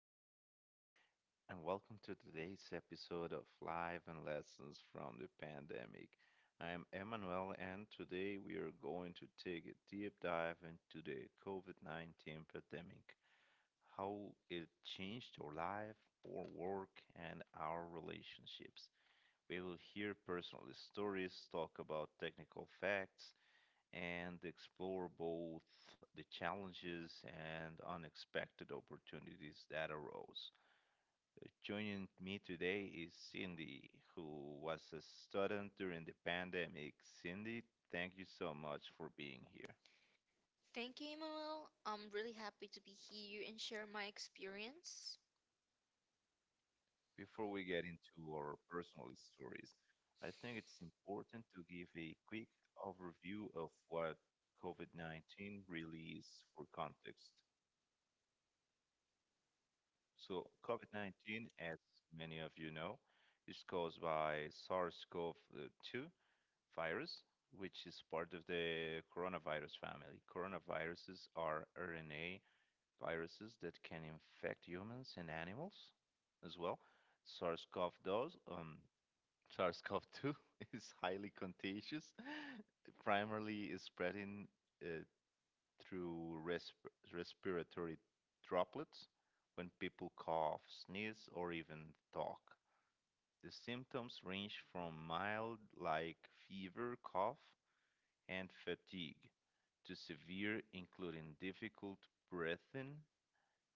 everybody, and welcome to today's episode of Live and Lessons from the Pandemic. I am Emmanuel, and today we are going to take a deep dive into the COVID 19 pandemic, how it changed our life, our work, and our relationships. We will hear personal stories, talk about technical facts, and explore both the challenges and unexpected opportunities that arose. Joining me today is Cindy, who was a student during the pandemic. Cindy, thank you so much for being here. Thank you, Emmanuel. I'm really happy to be here and share my experience. Before we get into our personal stories, I think it's important to give a quick overview of what COVID 19 really is for context. So, COVID 19, as many of you know, is caused by SARS CoV 2, virus, which is part of the coronavirus family. Coronaviruses are RNA viruses that can infect humans and animals as well. SARS-CoV does, um, SARS-CoV-2 is highly contagious, primarily is spreading uh, through respiratory droplets when people cough, sneeze, or even talk. The symptoms range from mild, like fever, cough, and fatigue, to severe, including difficult breathing,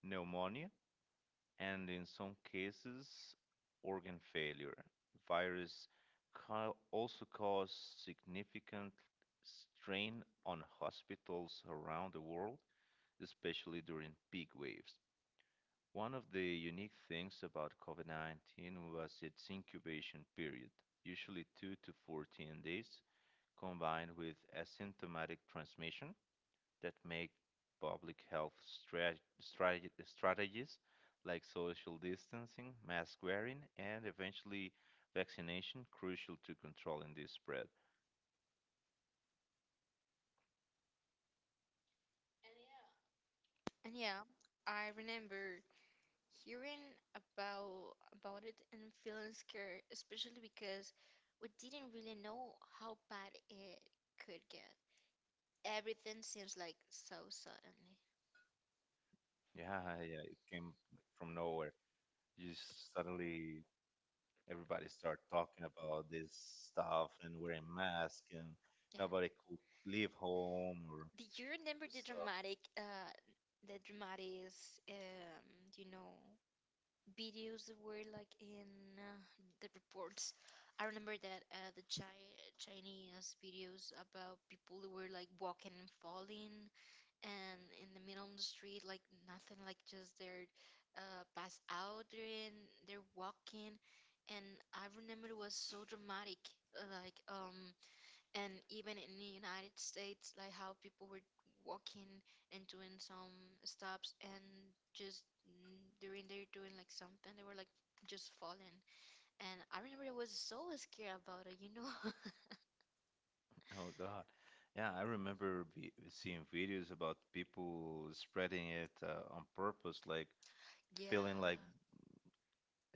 pneumonia, and in some cases, organ failure. Virus also cause significant strain on hospitals around the world, especially during peak waves. One of the unique things about COVID 19 was its incubation period, usually 2 to 14 days, combined with asymptomatic transmission, that make public health strategies like social distancing, mask wearing, and eventually vaccination crucial to controlling this spread. And yeah, I remember hearing about it and feeling scared, especially because we didn't really know how bad it could get. Everything seems like so suddenly. Yeah, yeah, it came from nowhere. You just suddenly everybody started talking about this stuff and wearing masks, and Yeah. nobody could leave home or Do you remember the dramatic, um, you know? videos that were like in uh, the reports? I remember that Chinese videos about people who were like walking and falling and in the middle of the street, like nothing, like just they're pass out and they're walking. And I remember it was so dramatic. Like, and even in the United States, like how people were walking and doing some stops and just during they are doing like something, they were like just falling. And I remember I was so scared about it, you know? Oh, God. Yeah, I remember seeing videos about people spreading it on purpose, like Yeah, feeling like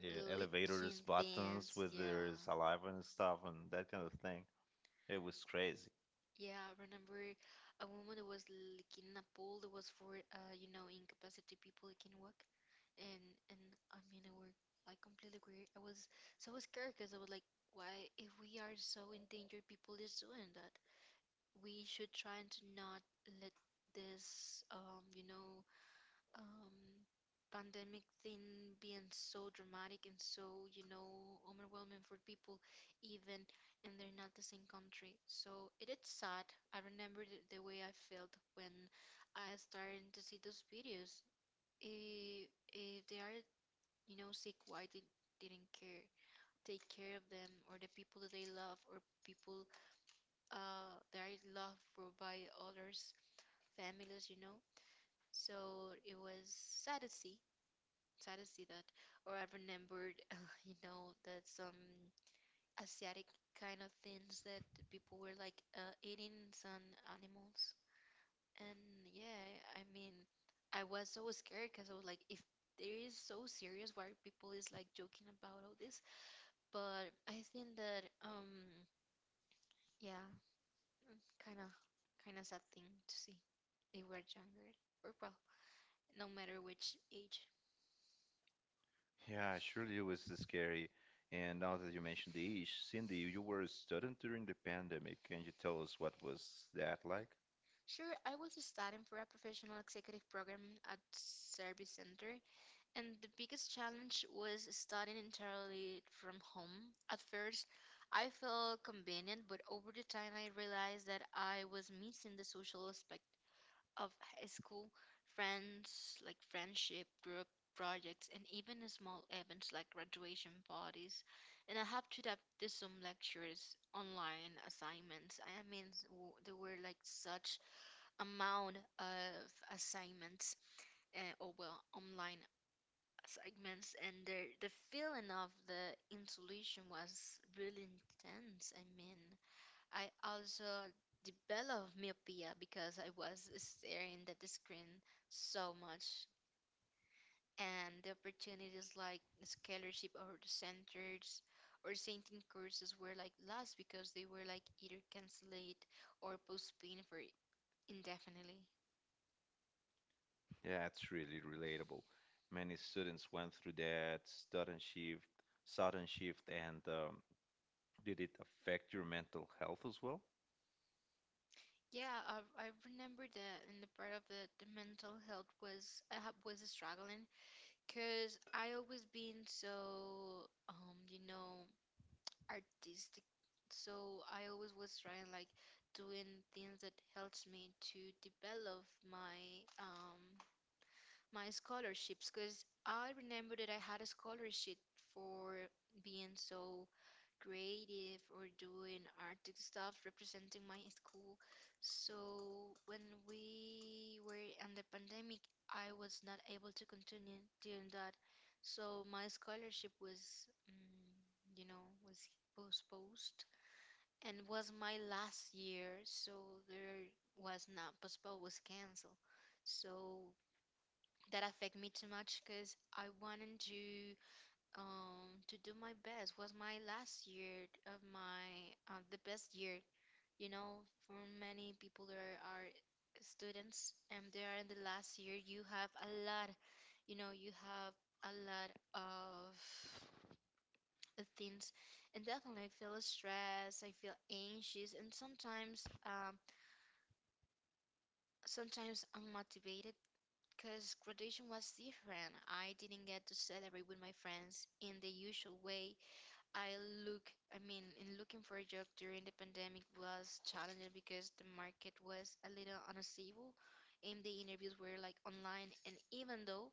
elevators licking buttons things. with Yeah, their saliva and stuff and that kind of thing. It was crazy. yeah. I remember a woman who was licking a pole that was for you know, incapacity people who can walk. and and I mean, I were like completely weird. I was so scared because I was like, why? If we are so endangered, people is doing that. We should try and to not let this, um, pandemic thing being so dramatic and so, you know, overwhelming for people, even and they're not the same country. So it is sad. I remember the way I felt when I started to see those videos. If, if they are, you know, say why they didn't care, take care of them, or the people that they love, or people that are loved for by others, families, you know. So it was sad to see that. Or I remembered, you know, that some Asiatic kind of things that people were like eating some animals. And yeah, I mean, I was so scared because I was like, if there is so serious why people is like joking about all this, but I think that yeah, kind of kind of sad thing to see. They were younger, or well, no matter which age. Yeah, surely it was scary. And now that you mentioned the ish, Cindy, you were a student during the pandemic. Can you tell us what was that like? Sure, I was studying for a professional executive program at Service Center, and the biggest challenge was studying entirely from home. At first, I felt convenient, but over the time, I realized that I was missing the social aspect of high school, friends, like friendship group projects, and even small events like graduation parties. And I have to adapt to some lectures, online assignments. I mean, there were like such amount of assignments, or well, online assignments, and the feeling of the insulation was really intense. I mean. I also developed myopia because I was staring at the screen so much. And the opportunities like scholarship or the centers or painting courses were like lost because they were like either cancelled or postponed for indefinitely. Yeah, it's really relatable. Many students went through that sudden shift, sudden shift, and did it affect your mental health as well? Yeah, I remember that, and the part of the mental health was I was struggling because I always been so, you know, artistic, so I always was trying like doing things that helps me to develop my my scholarships, because I remember that I had a scholarship for being so creative or doing artistic stuff representing my school. So when we were in the pandemic, I was not able to continue doing that. So my scholarship was, you know, was postponed and was my last year. So there was not postponed, was canceled. So that affect me too much because I wanted to do my best. Was my last year of my the best year, you know, for many people there are students and they are in the last year. You have a lot, you know, you have a lot of things, and definitely I feel stressed. I feel anxious, and sometimes sometimes unmotivated. Because graduation was different. I didn't get to celebrate with my friends in the usual way. I look, I mean, in looking for a job during the pandemic was challenging because the market was a little unstable and the interviews were like online. And even though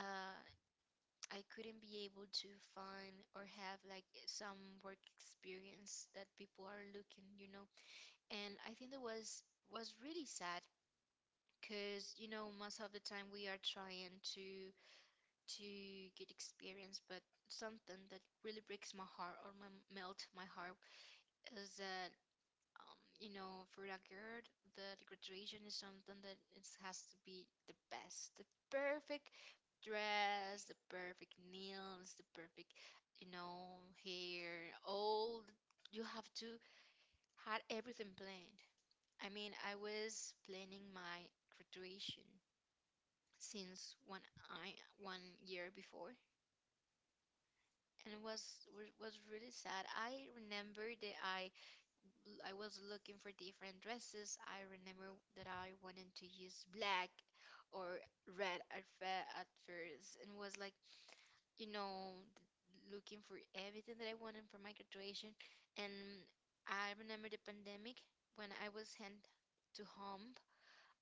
uh, I couldn't be able to find or have like some work experience that people are looking, you know. And I think that was really sad because, you know, most of the time we are trying to get experience, but something that really breaks my heart or my, melt my heart is that you know, for a girl that graduation is something that it has to be the best, the perfect dress, the perfect nails, the perfect, you know, hair, you have to had everything planned. I mean, I was planning my graduation since 1 year before, and it was really sad. I remember that I was looking for different dresses. I remember that I wanted to use black or red at first, and was like, you know, looking for everything that I wanted for my graduation. And I remember the pandemic when I was sent to home.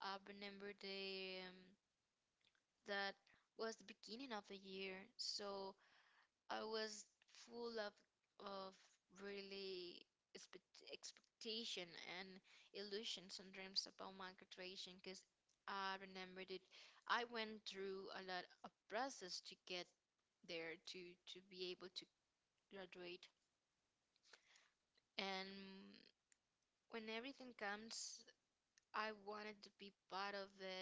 I remember the that was the beginning of the year, so. I was full of really expectation and illusions and dreams about my graduation because I remembered it. I went through a lot of process to get there to be able to graduate, and when everything comes I wanted to be part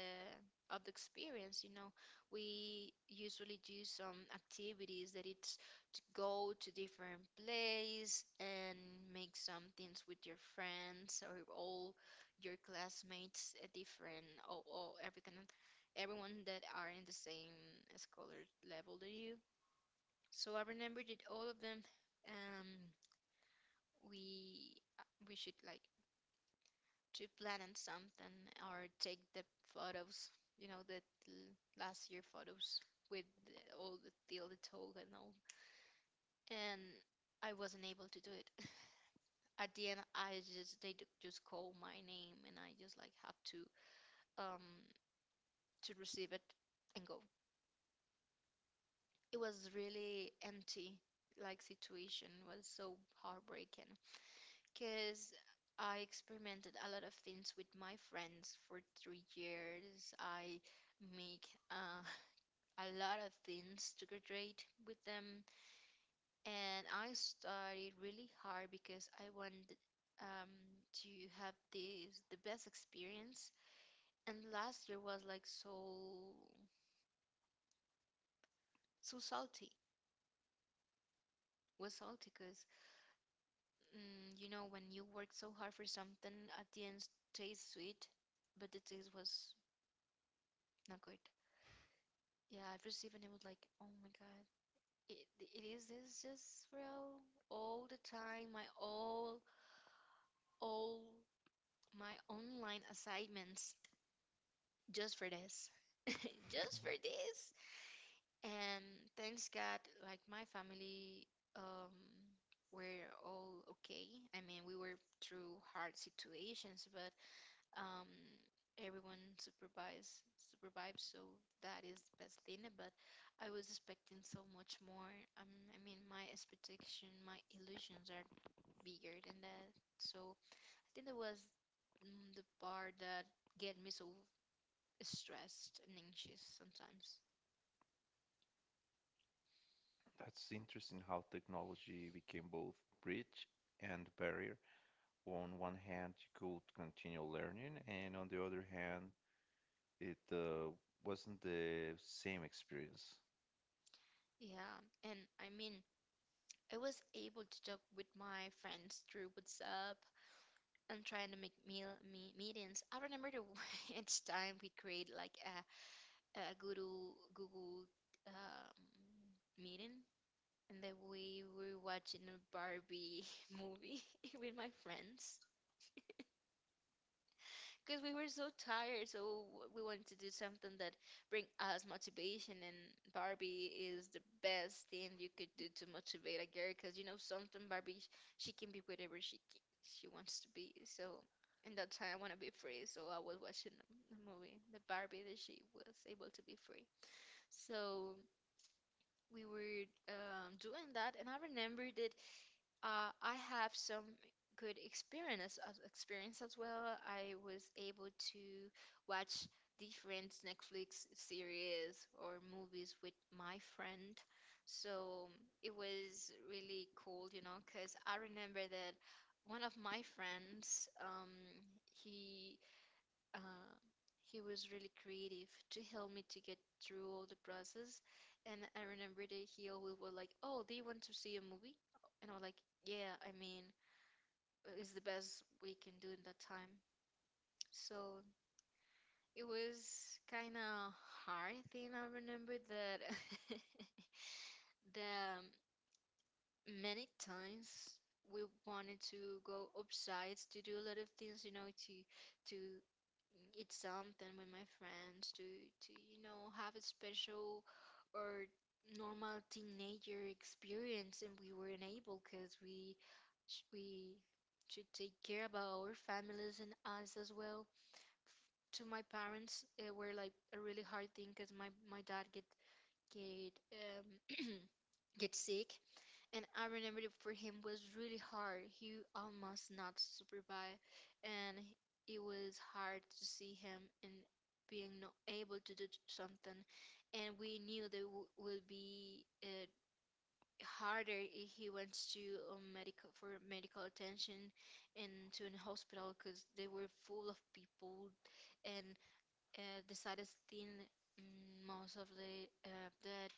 of the experience. You know, we usually do some activities that it's to go to different place and make some things with your friends or all your classmates, a different or everything, everyone that are in the same scholar level that you. So I remember that all of them, um, we we should like to plan on something or take the photos, you know, the last year photos with the- all the deal the told and all. And I wasn't able to do it. At the end, I just just call my name and I just like have um to receive it and go. It was really empty. Like situation was so heartbreaking because I experimented a lot of things with my friends for 3 years. I make a lot of things to graduate with them, and I studied really hard because I wanted, um, to have this the best experience, and last year was like so so salty, was salty because, you know, when you work so hard for something at the end tastes sweet, but the taste was not good. Yeah, I've received and it was like, oh my god, it, it is this just real? All the time, my all my online assignments just for this. Just for this. And thanks God, like my family um were all okay. I mean, we were through hard situations, but um everyone supervise survived, so that is the best thing. But I was expecting so much more. I mean, my expectation, my illusions are bigger than that. So I think that was, the part that get me so stressed and anxious sometimes. That's interesting how technology became both bridge and barrier. On one hand you could continue learning, and on the other hand, it wasn't the same experience. Yeah, and I mean, I was able to talk with my friends through WhatsApp and trying to make meetings. I remember the each time we create like a Google um, meeting, and then we were watching a Barbie movie with my friends. Because we were so tired, so we wanted to do something that bring us motivation. And Barbie is the best thing you could do to motivate a girl, because you know something Barbie, she can be whatever she wants to be. So in that time, I want to be free. So I was watching the movie, the Barbie that she was able to be free. So we were, doing that, and I remembered I have some good experience as well. I was able to watch different Netflix series or movies with my friend. So it was really cool, you know, because I remember that one of my friends, he uh, he was really creative to help me to get through all the process. And I remember that he always was like, "Oh, do you want to see a movie?" And I was like, "Yeah, I mean, it's the best we can do in that time." So it was kind of hard thing. I remember that the many times we wanted to go upsides to do a lot of things, you know, to it's something with my friends to have a special or normal teenager experience, and we weren't able because we sh- we should take care about our families and us as well. To my parents it were like a really hard thing because my dad get get sick, and I remember it for him was really hard. He almost not survived, and it was hard to see him and being not able to do something. And we knew that w would be harder if he went to a medical for medical attention and to an hospital because they were full of people. And the saddest thing, most of the that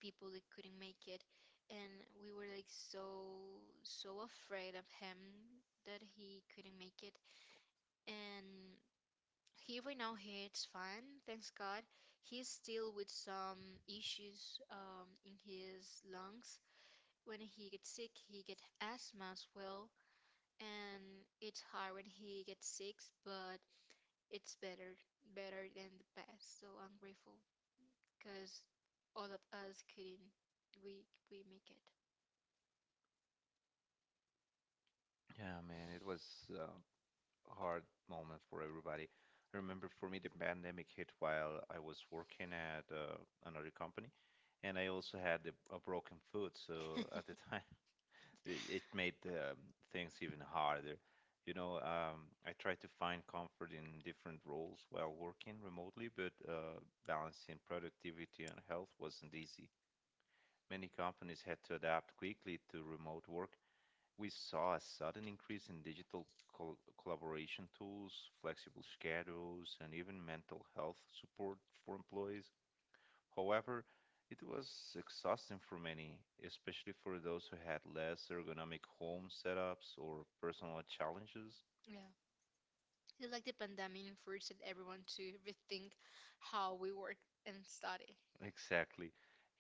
people that couldn't make it, and we were like so afraid of him that he couldn't make it. And he right now he's fine, thanks god. He's still with some issues in his lungs. When he gets sick he gets asthma as well, and it's hard when he gets sick, but it's better, better than the past, so I'm grateful because all of us couldn't, we we make it. Yeah, man, it was uh, a hard moment for everybody. I remember for me, the pandemic hit while I was working at another company, and I also had a broken foot. So at the time, The it time it, made things even harder. You know, I try to find comfort in different roles while working remotely, but balancing productivity and health wasn't easy. Many companies had to adapt quickly to remote work. We saw a sudden increase in digital col collaboration tools, flexible schedules, and even mental health support for employees. However, it was exhausting for many, especially for those who had less ergonomic home setups or personal challenges. yeah, it's like the pandemic forced everyone to rethink how we work and study. Exactly.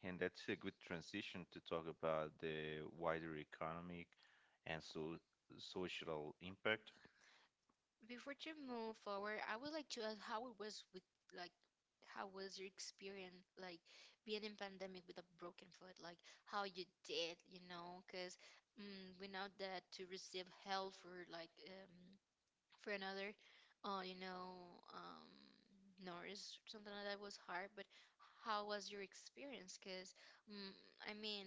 And that's a good transition to talk about the wider economic and so social impact. Before to move forward, I would like to ask how it was with, like, how was your experience like being in pandemic with a broken foot? Like how you did, you know? Because we know that to receive help for like for another uh you know um nurse or something like that was hard. But how was your experience? Because mm I mean,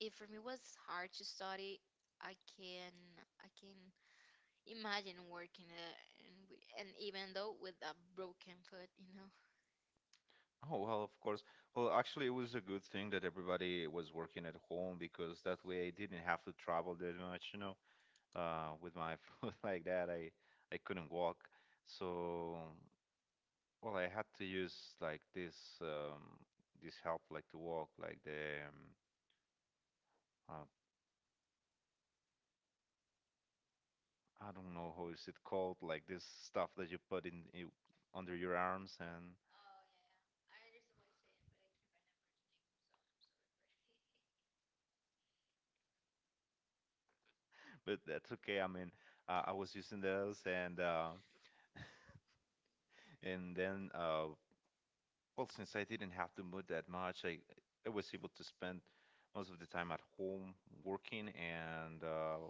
if for me was hard to study, i can I can imagine working and even though with a broken foot, you know. Oh, well, of course. Well, actually, it was a good thing that everybody was working at home because that way I didn't have to travel that much. With my foot like that, I couldn't walk. So, well, I had to use like this um, this help like to walk like the uh, I don't know how is it called, like this stuff that you put in you, under your arms, and but that's okay. I mean, I was using those, and and then well, since I didn't have to move that much, I was able to spend most of the time at home working, and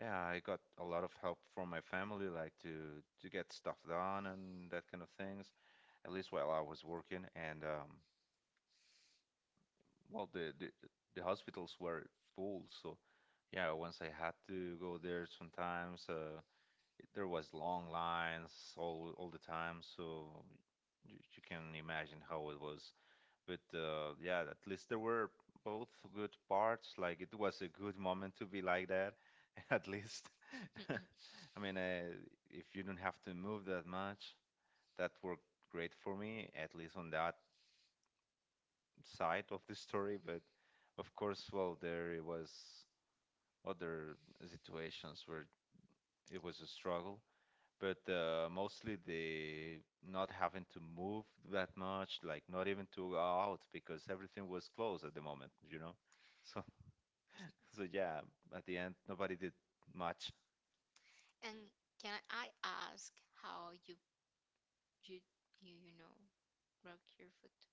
yeah, I got a lot of help from my family like to get stuff done and that kind of things at least while I was working. And well, the hospitals were full, so yeah, once I had to go there sometimes, there was long lines all the time. So you can imagine how it was. But yeah, at least there were both good parts. Like it was a good moment to be like that, at least. I mean, if you don't have to move that much, that worked great for me, at least on that side of the story. But of course, well, there was other situations where it was a struggle, but mostly the not having to move that much, like not even to go out because everything was closed at the moment. So, so yeah, at the end, nobody did much. And can I ask how you you you, you know broke your foot?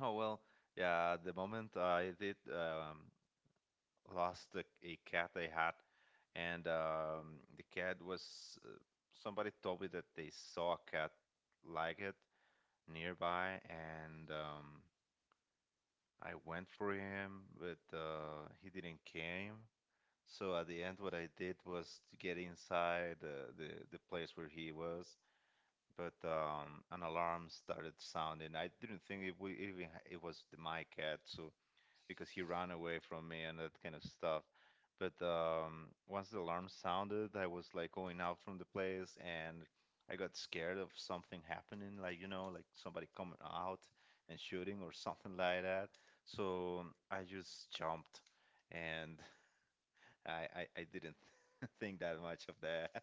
Oh, well, yeah. The moment I did lost a cat I had, and the cat was, uh, somebody told me that they saw a cat like it nearby, and I went for him, but he didn't came. So at the end, what I did was to get inside, the place where he was. But an alarm started sounding. I didn't think it would even, it was my cat, so. Because he ran away from me and that kind of stuff. But once the alarm sounded, I was like going out from the place, and I got scared of something happening, like, like somebody coming out and shooting or something like that. So I just jumped, and I didn't think that much of that.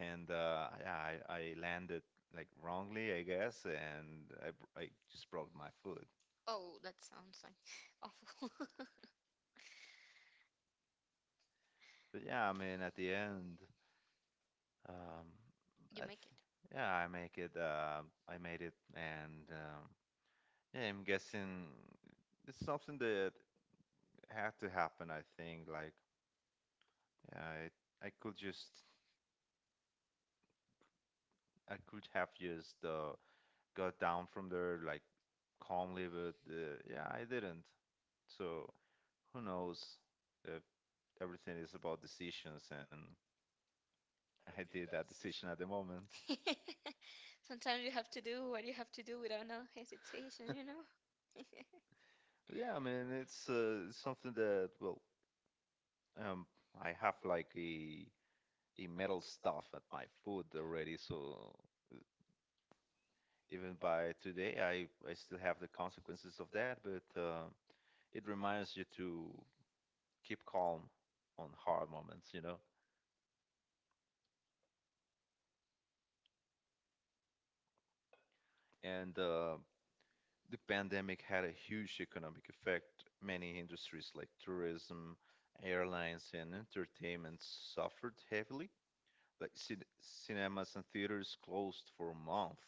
And yeah, I landed like wrongly, I guess, and I just broke my foot. Oh, that sounds like awful. But yeah, I mean, at the end, Um, You I th make yeah, I make it. I made it, and yeah, I'm guessing it's something that had to happen. I think, like, yeah, I, I could just, I could have just got down from there like calmly, but yeah, I didn't. So who knows? If everything is about decisions, and I did that decision at the moment. it. Sometimes you have to do what you have to do without no hesitation, you know? But yeah, I mean, it's something that, well, um, I have like a the metal stuff at my food already. So even by today, I still have the consequences of that, but it reminds you to keep calm on hard moments, you know? And the pandemic had a huge economic effect. Many industries like tourism, airlines, and entertainment suffered heavily. Like cinemas and theaters closed for a month.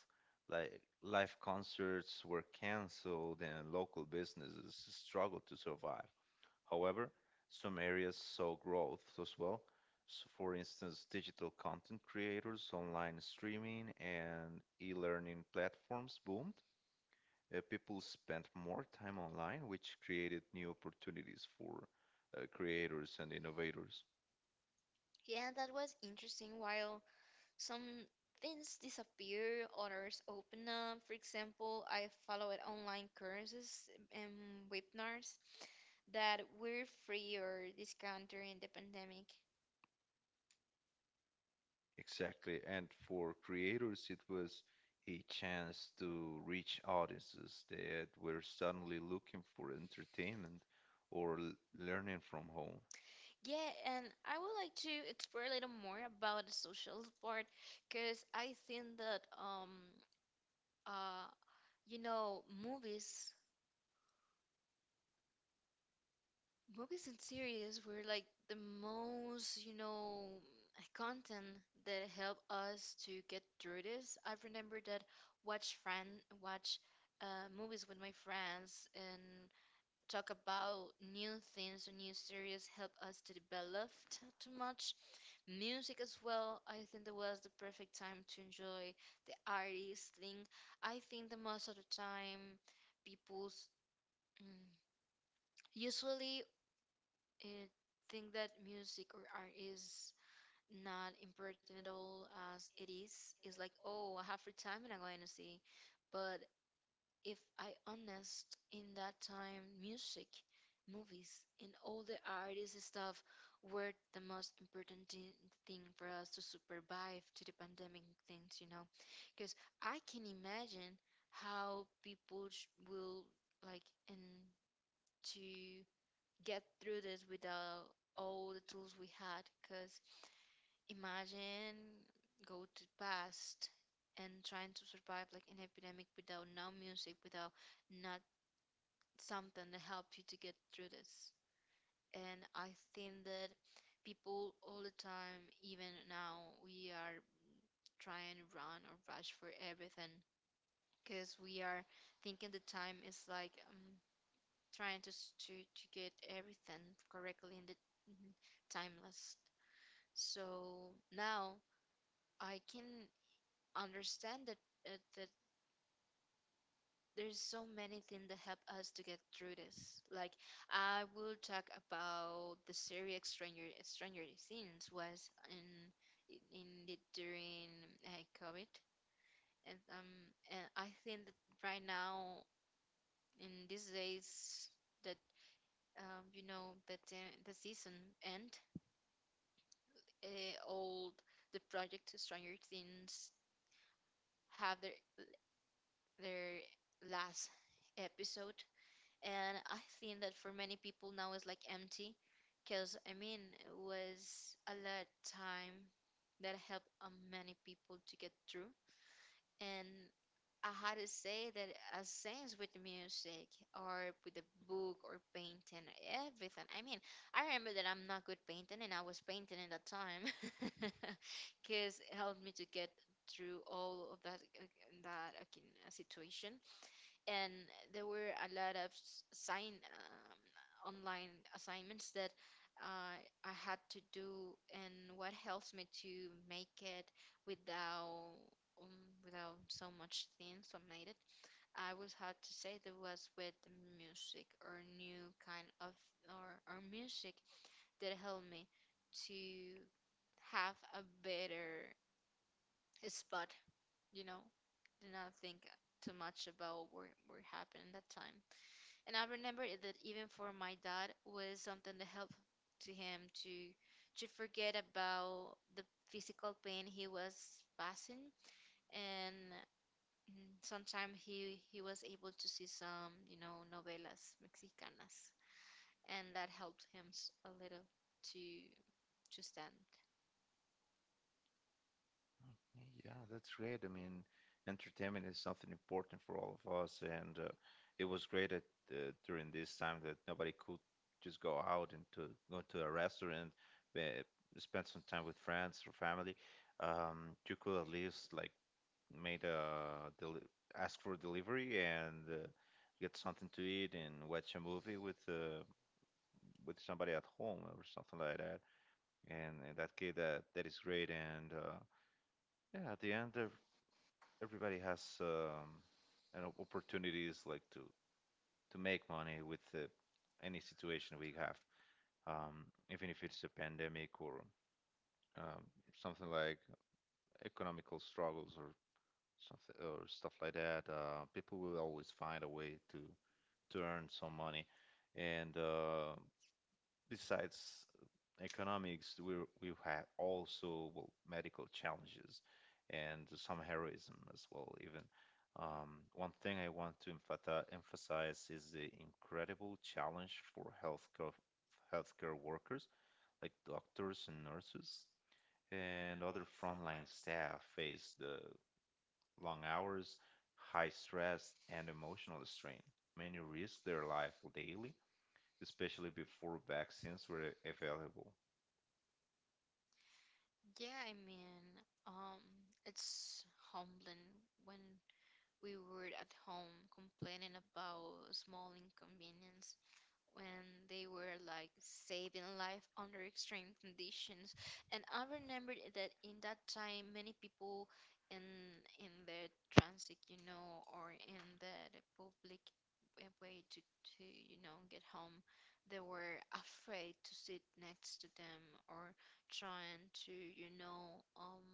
Like live concerts were canceled and local businesses struggled to survive. However, some areas saw growth as well. So, for instance, digital content creators, online streaming, and e learning platforms boomed. People spent more time online, which created new opportunities for creators and innovators. Yeah, that was interesting. While some things disappear, others open up. For example, I followed online courses and webinars that were free or discounted during the pandemic. Exactly. And for creators, it was a chance to reach audiences that were suddenly looking for entertainment or learning from home. Yeah, and I would like to explore a little more about the social part because I think that uh you know movies Movies and series were like the most, you know, content that helped us to get through this. I remember that watch friend watch movies with my friends, and talk about new things or new series help us to develop too much. Music as well. I think that was the perfect time to enjoy the artist thing. I think that most of the time people's mm, usually I think that music or art is not important at all as it is. It's like, oh, I have free time and I'm going to see. But if I honest in that time, music, movies, and all the artists and stuff were the most important thing for us to survive to the pandemic things, you know, because I can imagine how people sh- will like and to get through this without all the tools we had. Because imagine go to past and trying to survive like an epidemic without no music, without not something to help you to get through this. And I think that people all the time, even now, we are trying to run or rush for everything because we are thinking the time is like trying to, to get everything correctly in the timeless. So now I can understand that uh, that there's so many things that help us to get through this. Like, I will talk about the series Stranger Things. Was in the during COVID, and I think that right now in these days that you know that the season end, all the project Stranger Things have their last episode. And I think that for many people now is like empty because I mean it was a lot time that helped many people to get through. And I had to say that as things with music or with a book or painting, everything, I mean, I remember that I'm not good painting and I was painting in that time because it helped me to get through all of that situation. And there were a lot of s- sign online assignments that uh, I had to do, and what helps me to make it without without so much things so made it. I would have to say that was with the music or new kind of or music that helped me to have a better spot, you know, do not think too much about what happened that time. And I remember it that even for my dad was something to help to him to forget about the physical pain he was passing. And sometimes he was able to see some, you know, novelas mexicanas, and that helped him a little to to stand. Okay, yeah, that's great. I mean, entertainment is something important for all of us, and it was great at during this time that nobody could just go out and to go to a restaurant, uh, spend some time with friends or family. You could at least like made a deli ask for delivery and get something to eat and watch a movie with with somebody at home or something like that. And in that case, that is great. And yeah, at the end, everybody has an opportunities like to make money with any situation we have, um, even if it's a pandemic or um, something like economical struggles or something or stuff like that. People will always find a way to earn some money. And besides economics, we have also, well, medical challenges and some heroism as well. Even one thing I want to emphasize is the incredible challenge for healthcare workers like doctors and nurses and other frontline staff face the long hours, high stress, and emotional strain. Many risk their life daily, especially before vaccines were available. Yeah, I mean, um, it's humbling when we were at home complaining about small inconveniences when they were like saving life under extreme conditions. And I remember that in that time, many people in in the transit, you know, or in the public way to you know get home, they were afraid to sit next to them or trying to you know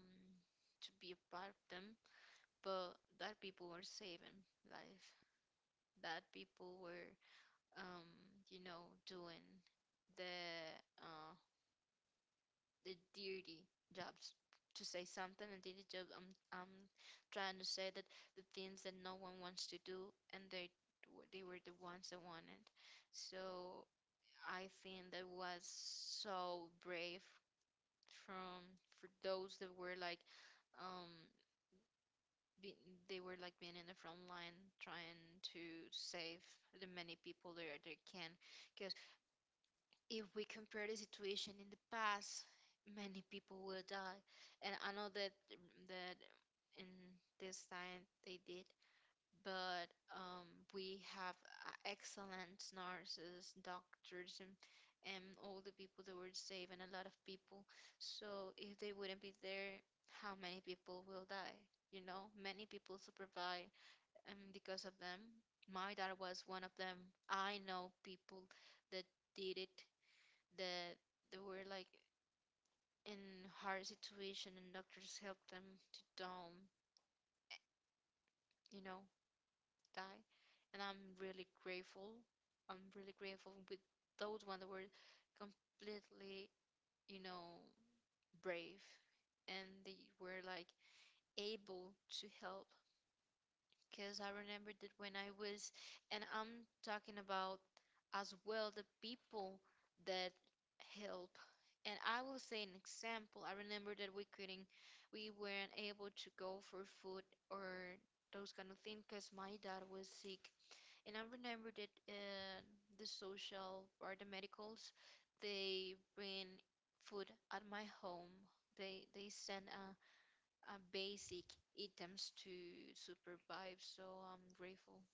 to be a part of them. But that people were saving life. That people were you know, doing the uh dirty jobs, to say something. And dirty job, I'm trying to say that the things that no one wants to do, and they they were the ones that wanted. So I think that was so brave from, for those that were like um be, they were like being in the front line, trying to save the many people there they can. Because if we compare the situation in the past, many people will die. And I know that that in this time they did, but we have excellent nurses, doctors, and all the people that were saved, and a lot of people. So if they wouldn't be there, how many people will die? You know, many people survive because of them. My dad was one of them. I know people that did it, that they were like in hard situation, and doctors helped them to don't, you know, die. And I'm really grateful. I'm really grateful with those one that were completely, you know, brave, and they were like able to help. Because I remember that when I was, and I'm talking about as well the people that help. And I will say an example. I remember that we couldn't, we weren't able to go for food or those kind of things because my dad was sick. And I remember that the social or the medicals, they bring food at my home. They send basic items to survive. So I'm grateful,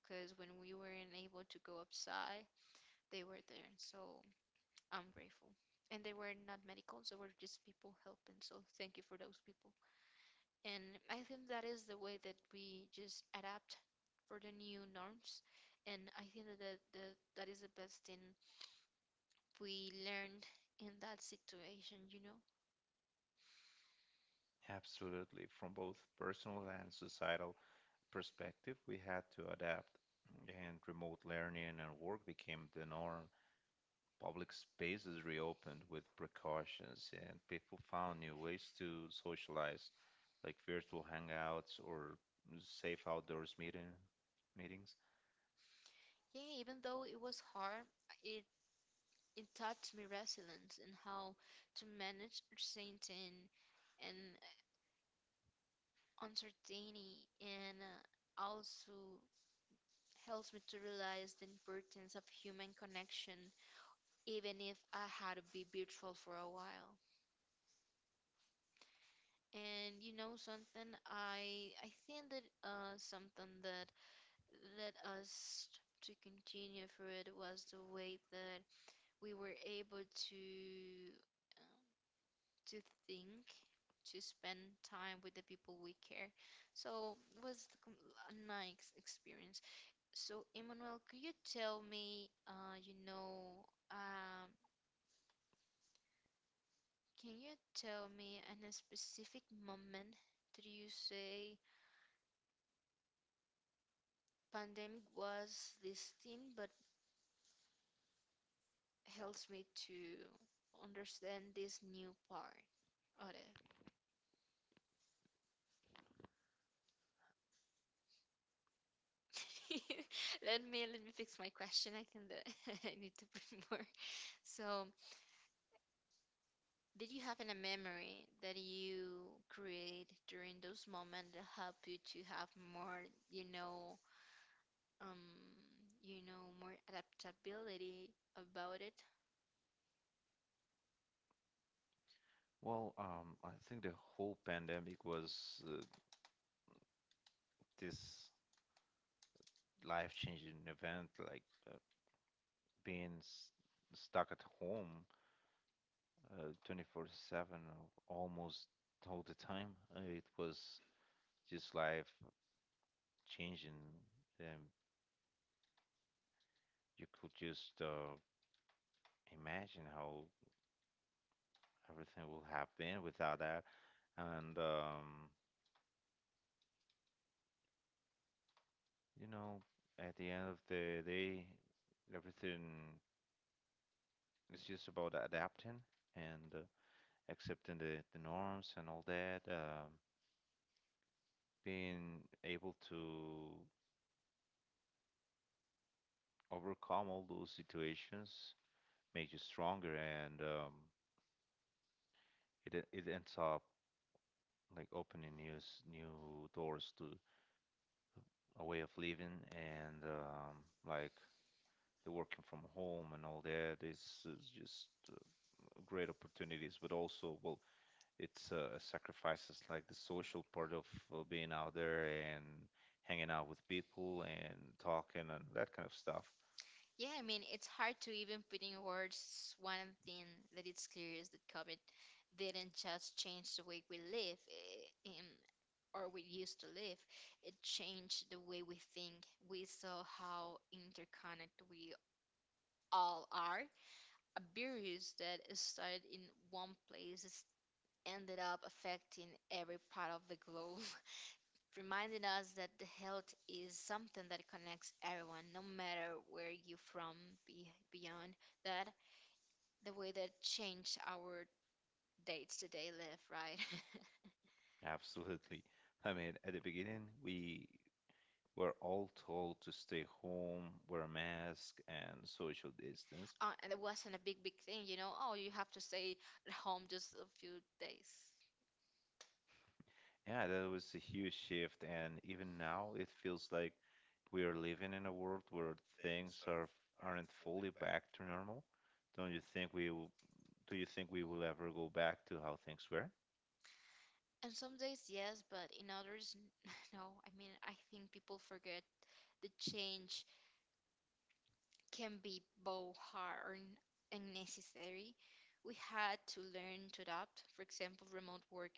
because when we weren't able to go outside, they were there. So I'm grateful. And they were not medicals, they were just people helping. So thank you for those people. And I think that is the way that we just adapt for the new norms. And I think that that is the best thing we learned in that situation, you know? Absolutely. From both personal and societal perspective, we had to adapt, and remote learning and work became the norm. Public spaces reopened with precautions, and people found new ways to socialize, like virtual hangouts or safe outdoors meetings. Yeah, even though it was hard, it it taught me resilience and how to manage uncertain and uncertainty, and also helps me to realize the importance of human connection, even if I had to be virtual for a while. And you know something, I think that something that led us to continue for it was the way that we were able to think, to spend time with the people we care. So it was the a nice experience. So Emmanuel, could you tell me, you know, can you tell me in a specific moment that you say pandemic was this thing, but helps me to understand this new part of it. Let me let me fix my question. I think that I need to put more. So did you have any memory that you create during those moments that help you to have more, you know, um, you know, more adaptability about it? Well, I think the whole pandemic was, uh, this life-changing event, like uh, being stuck at home 24/7, almost all the time. It was just life changing. Um, you could just imagine how everything will have been without that. And you know, at the end of the day, everything is just about adapting and accepting the norms and all that. Being able to overcome all those situations make you stronger, and it ends up like opening new doors to a way of living, and like the working from home and all that is, just great opportunities. But also, well, it's sacrifices like the social part of being out there and hanging out with people and talking and that kind of stuff. Yeah, I mean, it's hard to even put in words one thing that it's clear is that COVID didn't just change the way we live, in, or we used to live. It changed the way we think. We saw how interconnected we all are. A virus that started in one place has ended up affecting every part of the globe, reminding us that the health is something that connects everyone, no matter where you're from. Beyond that, the way that changed our dates to day live, right? Absolutely. I mean, at the beginning, We're all told to stay home, wear a mask, and social distance. And it wasn't a big thing, you know. Oh, you have to stay at home just a few days. Yeah, that was a huge shift, and even now it feels like we are living in a world where things aren't fully back to normal. Don't you think we will, Do you think we will ever go back to how things were? And some days, yes, but in others, no. I mean, I think people forget the change can be both hard and necessary. We had to learn to adapt. For example, remote work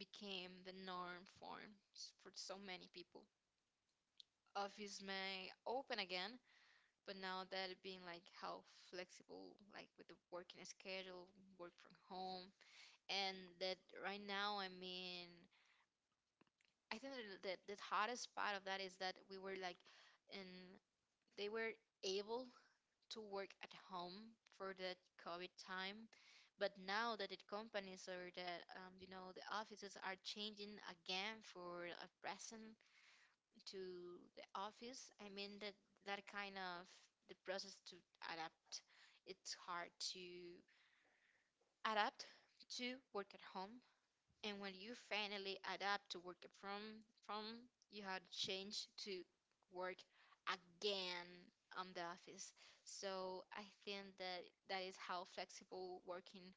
became the norm for so many people. Office may open again, but now that it being like how flexible, like with the working schedule, work from home, and that right now, I mean, I think that the hardest part of that is that we were like, and they were able to work at home for that COVID time. But now that the companies or that you know the offices are changing again for a present to the office, I mean that that kind of the process to adapt. It's hard to adapt to work at home and when you finally adapt to work from, you had to change to work again on the office. So I think that that is how flexible working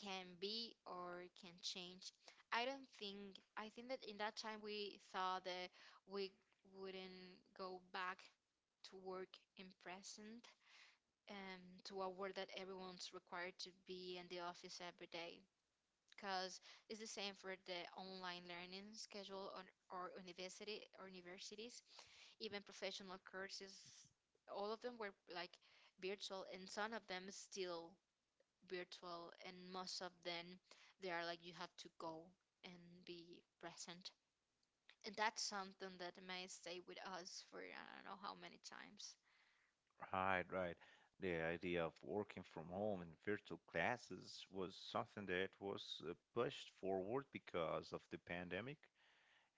can be or can change. I don't think I think that in that time we thought that we wouldn't go back to work in present to a world that everyone's required to be in the office every day because it's the same for the online learning schedule on or university or universities, even professional courses. All of them were like virtual, and some of them is still virtual, and most of them they are like you have to go and be present, and that's something that may stay with us for I don't know how many times. Right, right. The idea of working from home and virtual classes was something that was pushed forward because of the pandemic.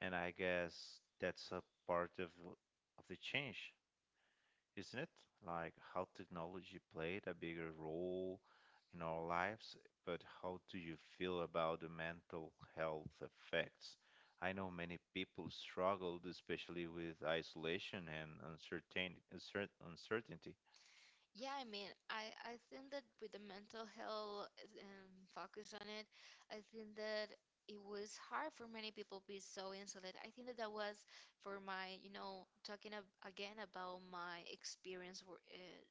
And I guess that's a part of the change, isn't it? Like how technology played a bigger role in our lives. But how do you feel about the mental health effects? I know many people struggled, especially with isolation and uncertainty. Yeah, I mean, I think that with the mental health focus on it, I think that it was hard for many people to be so insulated. I think that that was for my, you know, talking ab again about my experience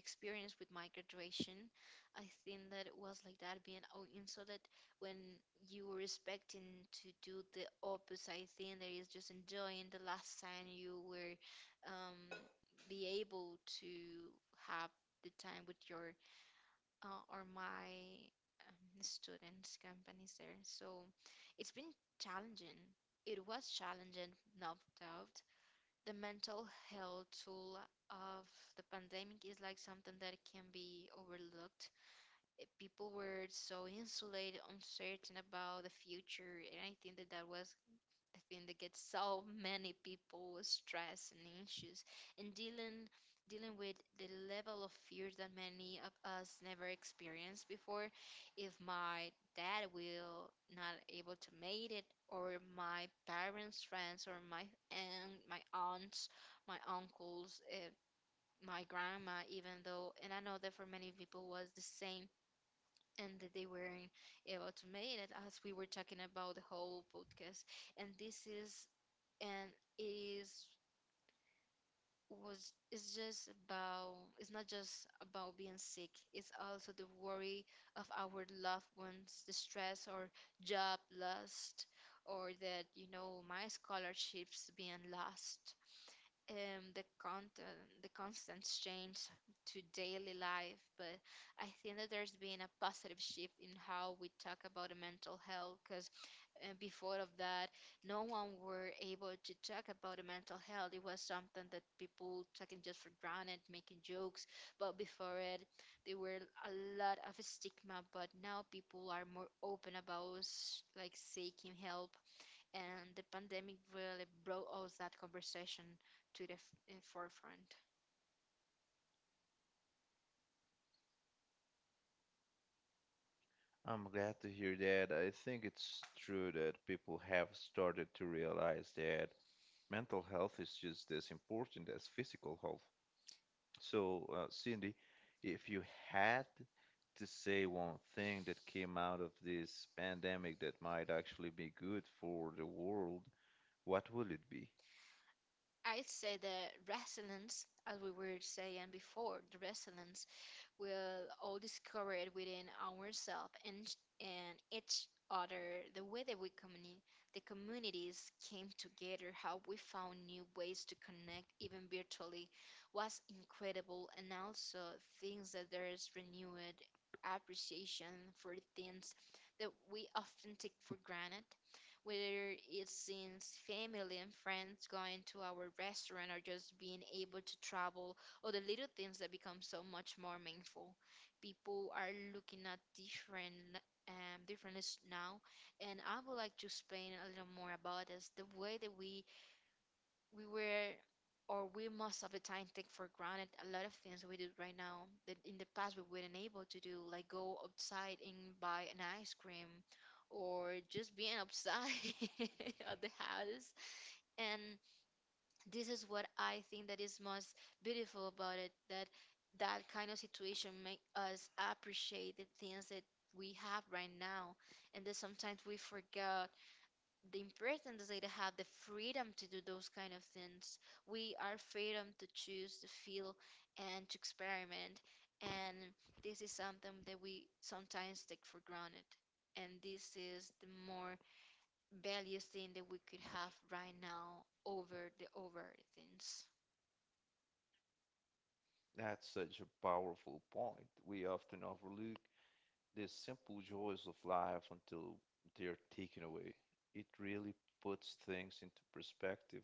experience with my graduation, I think that it was like that being oh, and so that when you were expecting to do the opposite, I think that is just enjoying the last time you were um, be able to have the time with your or my students companies there. So it's been challenging. It was challenging, no doubt, the mental health tool of the pandemic is like something that can be overlooked. People were so insulated, uncertain about the future, and I think that that was I think they get so many people stressed and anxious and dealing with the level of fear that many of us never experienced before. If my dad will not able to make it, or my parents, friends, or my aunts, my uncles, my grandma, even though, and I know that for many people was the same. And that they weren't able to make it, as we were talking about the whole podcast and this is and it is was it's just about it's not just about being sick. It's also the worry of our loved ones, the stress, or job lost, or that my scholarships being lost, the constant change to daily life. But I think that there's been a positive shift in how we talk about the mental health. Because before of that, no one were able to talk about the mental health. It was something that people taking just for granted, making jokes. But before it, there were a lot of stigma. But now people are more open about like seeking help, and the pandemic really brought all that conversation to the forefront. I'm glad to hear that. I think it's true that people have started to realize that mental health is just as important as physical health. So, Cindy, if you had to say one thing that came out of this pandemic that might actually be good for the world, what would it be? I'd say the resilience, as we were saying before, the resilience we'll all discover it within ourselves and each other, the way that we the communities came together, how we found new ways to connect even virtually was incredible. And also things that there is renewed appreciation for things that we often take for granted, whether it's since family and friends, going to our restaurant, or just being able to travel, or the little things that become so much more meaningful. People are looking at different differences now, and I would like to explain a little more about this. The way that we were or we most of the time take for granted a lot of things we do right now that in the past we weren't able to do, like go outside and buy an ice cream, or just being outside of the house. And this is what I think that is most beautiful about it, that that kind of situation make us appreciate the things that we have right now, and that sometimes we forget the importance that they have, the freedom to do those kind of things. We are freedom to choose, to feel, and to experiment, and this is something that we sometimes take for granted. And this is the more valuable thing that we could have right now over the over things. That's such a powerful point. We often overlook the simple joys of life until they're taken away. It really puts things into perspective.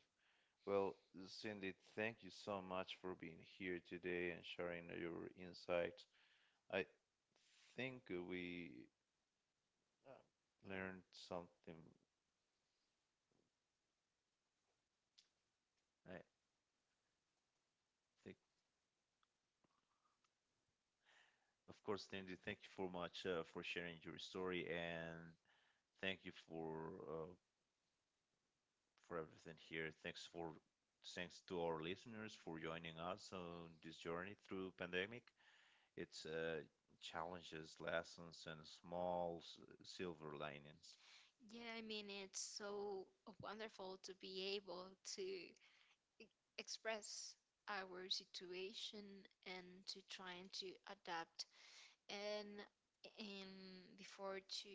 Well, Cindy, thank you so much for being here today and sharing your insights. I think we uh, learned something. I think, of course, Lindy, thank you for much, for sharing your story, and thank you for everything here. Thanks to our listeners for joining us on this journey through pandemic. It's challenges, lessons, and small silver linings. Yeah, I mean, it's so wonderful to be able to express our situation and to trying to adapt. And before to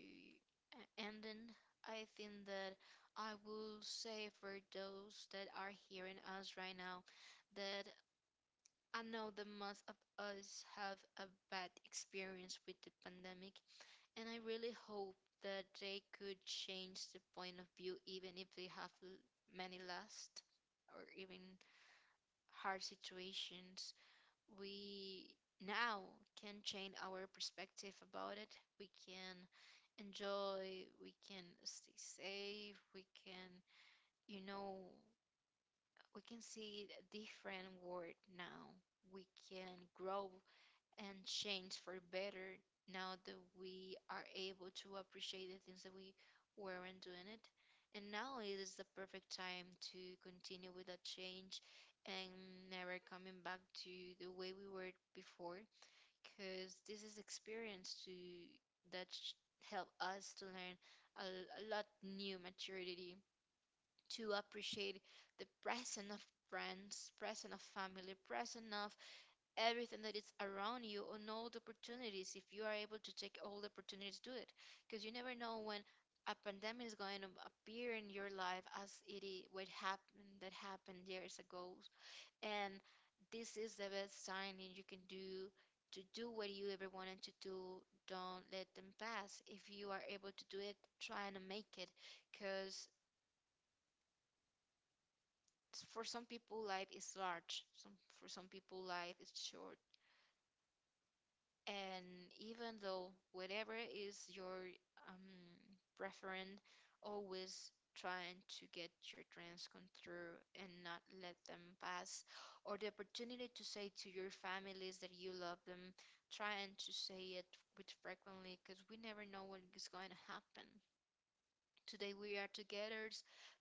ending, I think that I will say for those that are hearing us right now that I know that most of us have a bad experience with the pandemic, and I really hope that they could change the point of view, even if they have many last or even hard situations. We now can change our perspective about it. We can enjoy, we can stay safe, we can, you know, we can see a different world now. We can grow and change for better now that we are able to appreciate the things that we weren't doing it. And now it is the perfect time to continue with that change and never coming back to the way we were before, because this is experience to that sh- help us to learn a, a lot new maturity to appreciate the present of friends, present of family, present of everything that is around you, and all the opportunities, if you are able to take all the opportunities to do it, because you never know when a pandemic is going to appear in your life, as it is what happened that happened years ago. And this is the best time that you can do, to do what you ever wanted to do. Don't let them pass. If you are able to do it, try and make it, because for some people life is large some for some people life is short. And even though whatever is your um, preference, always trying to get your dreams come through and not let them pass, or the opportunity to say to your families that you love them, trying to say it with frequently, because we never know what is going to happen. Today we are together,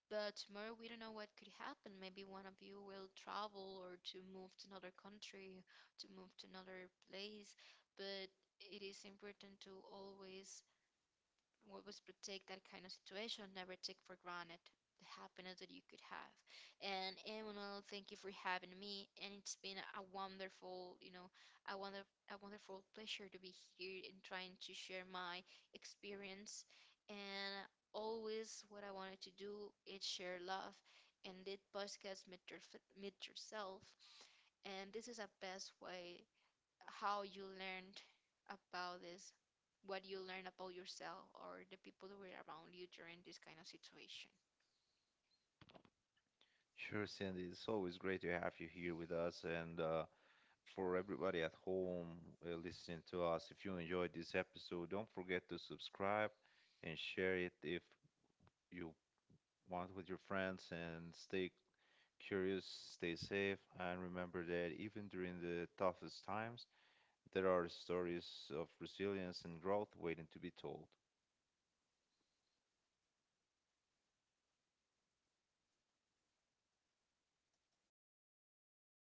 but tomorrow we don't know what could happen. Maybe one of you will travel or to move to another country, to move to another place. But it is important to always we always protect that kind of situation, never take for granted the happiness that you could have. And Emmanuel, thank you for having me. And it's been a wonderful, you know, a wonder a wonderful pleasure to be here and trying to share my experience. And always what I wanted to do is share love and did podcast meet, your, meet yourself. And this is a best way how you learned about this, what you learned about yourself or the people that were around you during this kind of situation. Sure, Cindy, it's always great to have you here with us, and for everybody at home listening to us. If you enjoyed this episode, don't forget to subscribe and share it if you want with your friends, and stay curious, stay safe, and remember that even during the toughest times, there are stories of resilience and growth waiting to be told.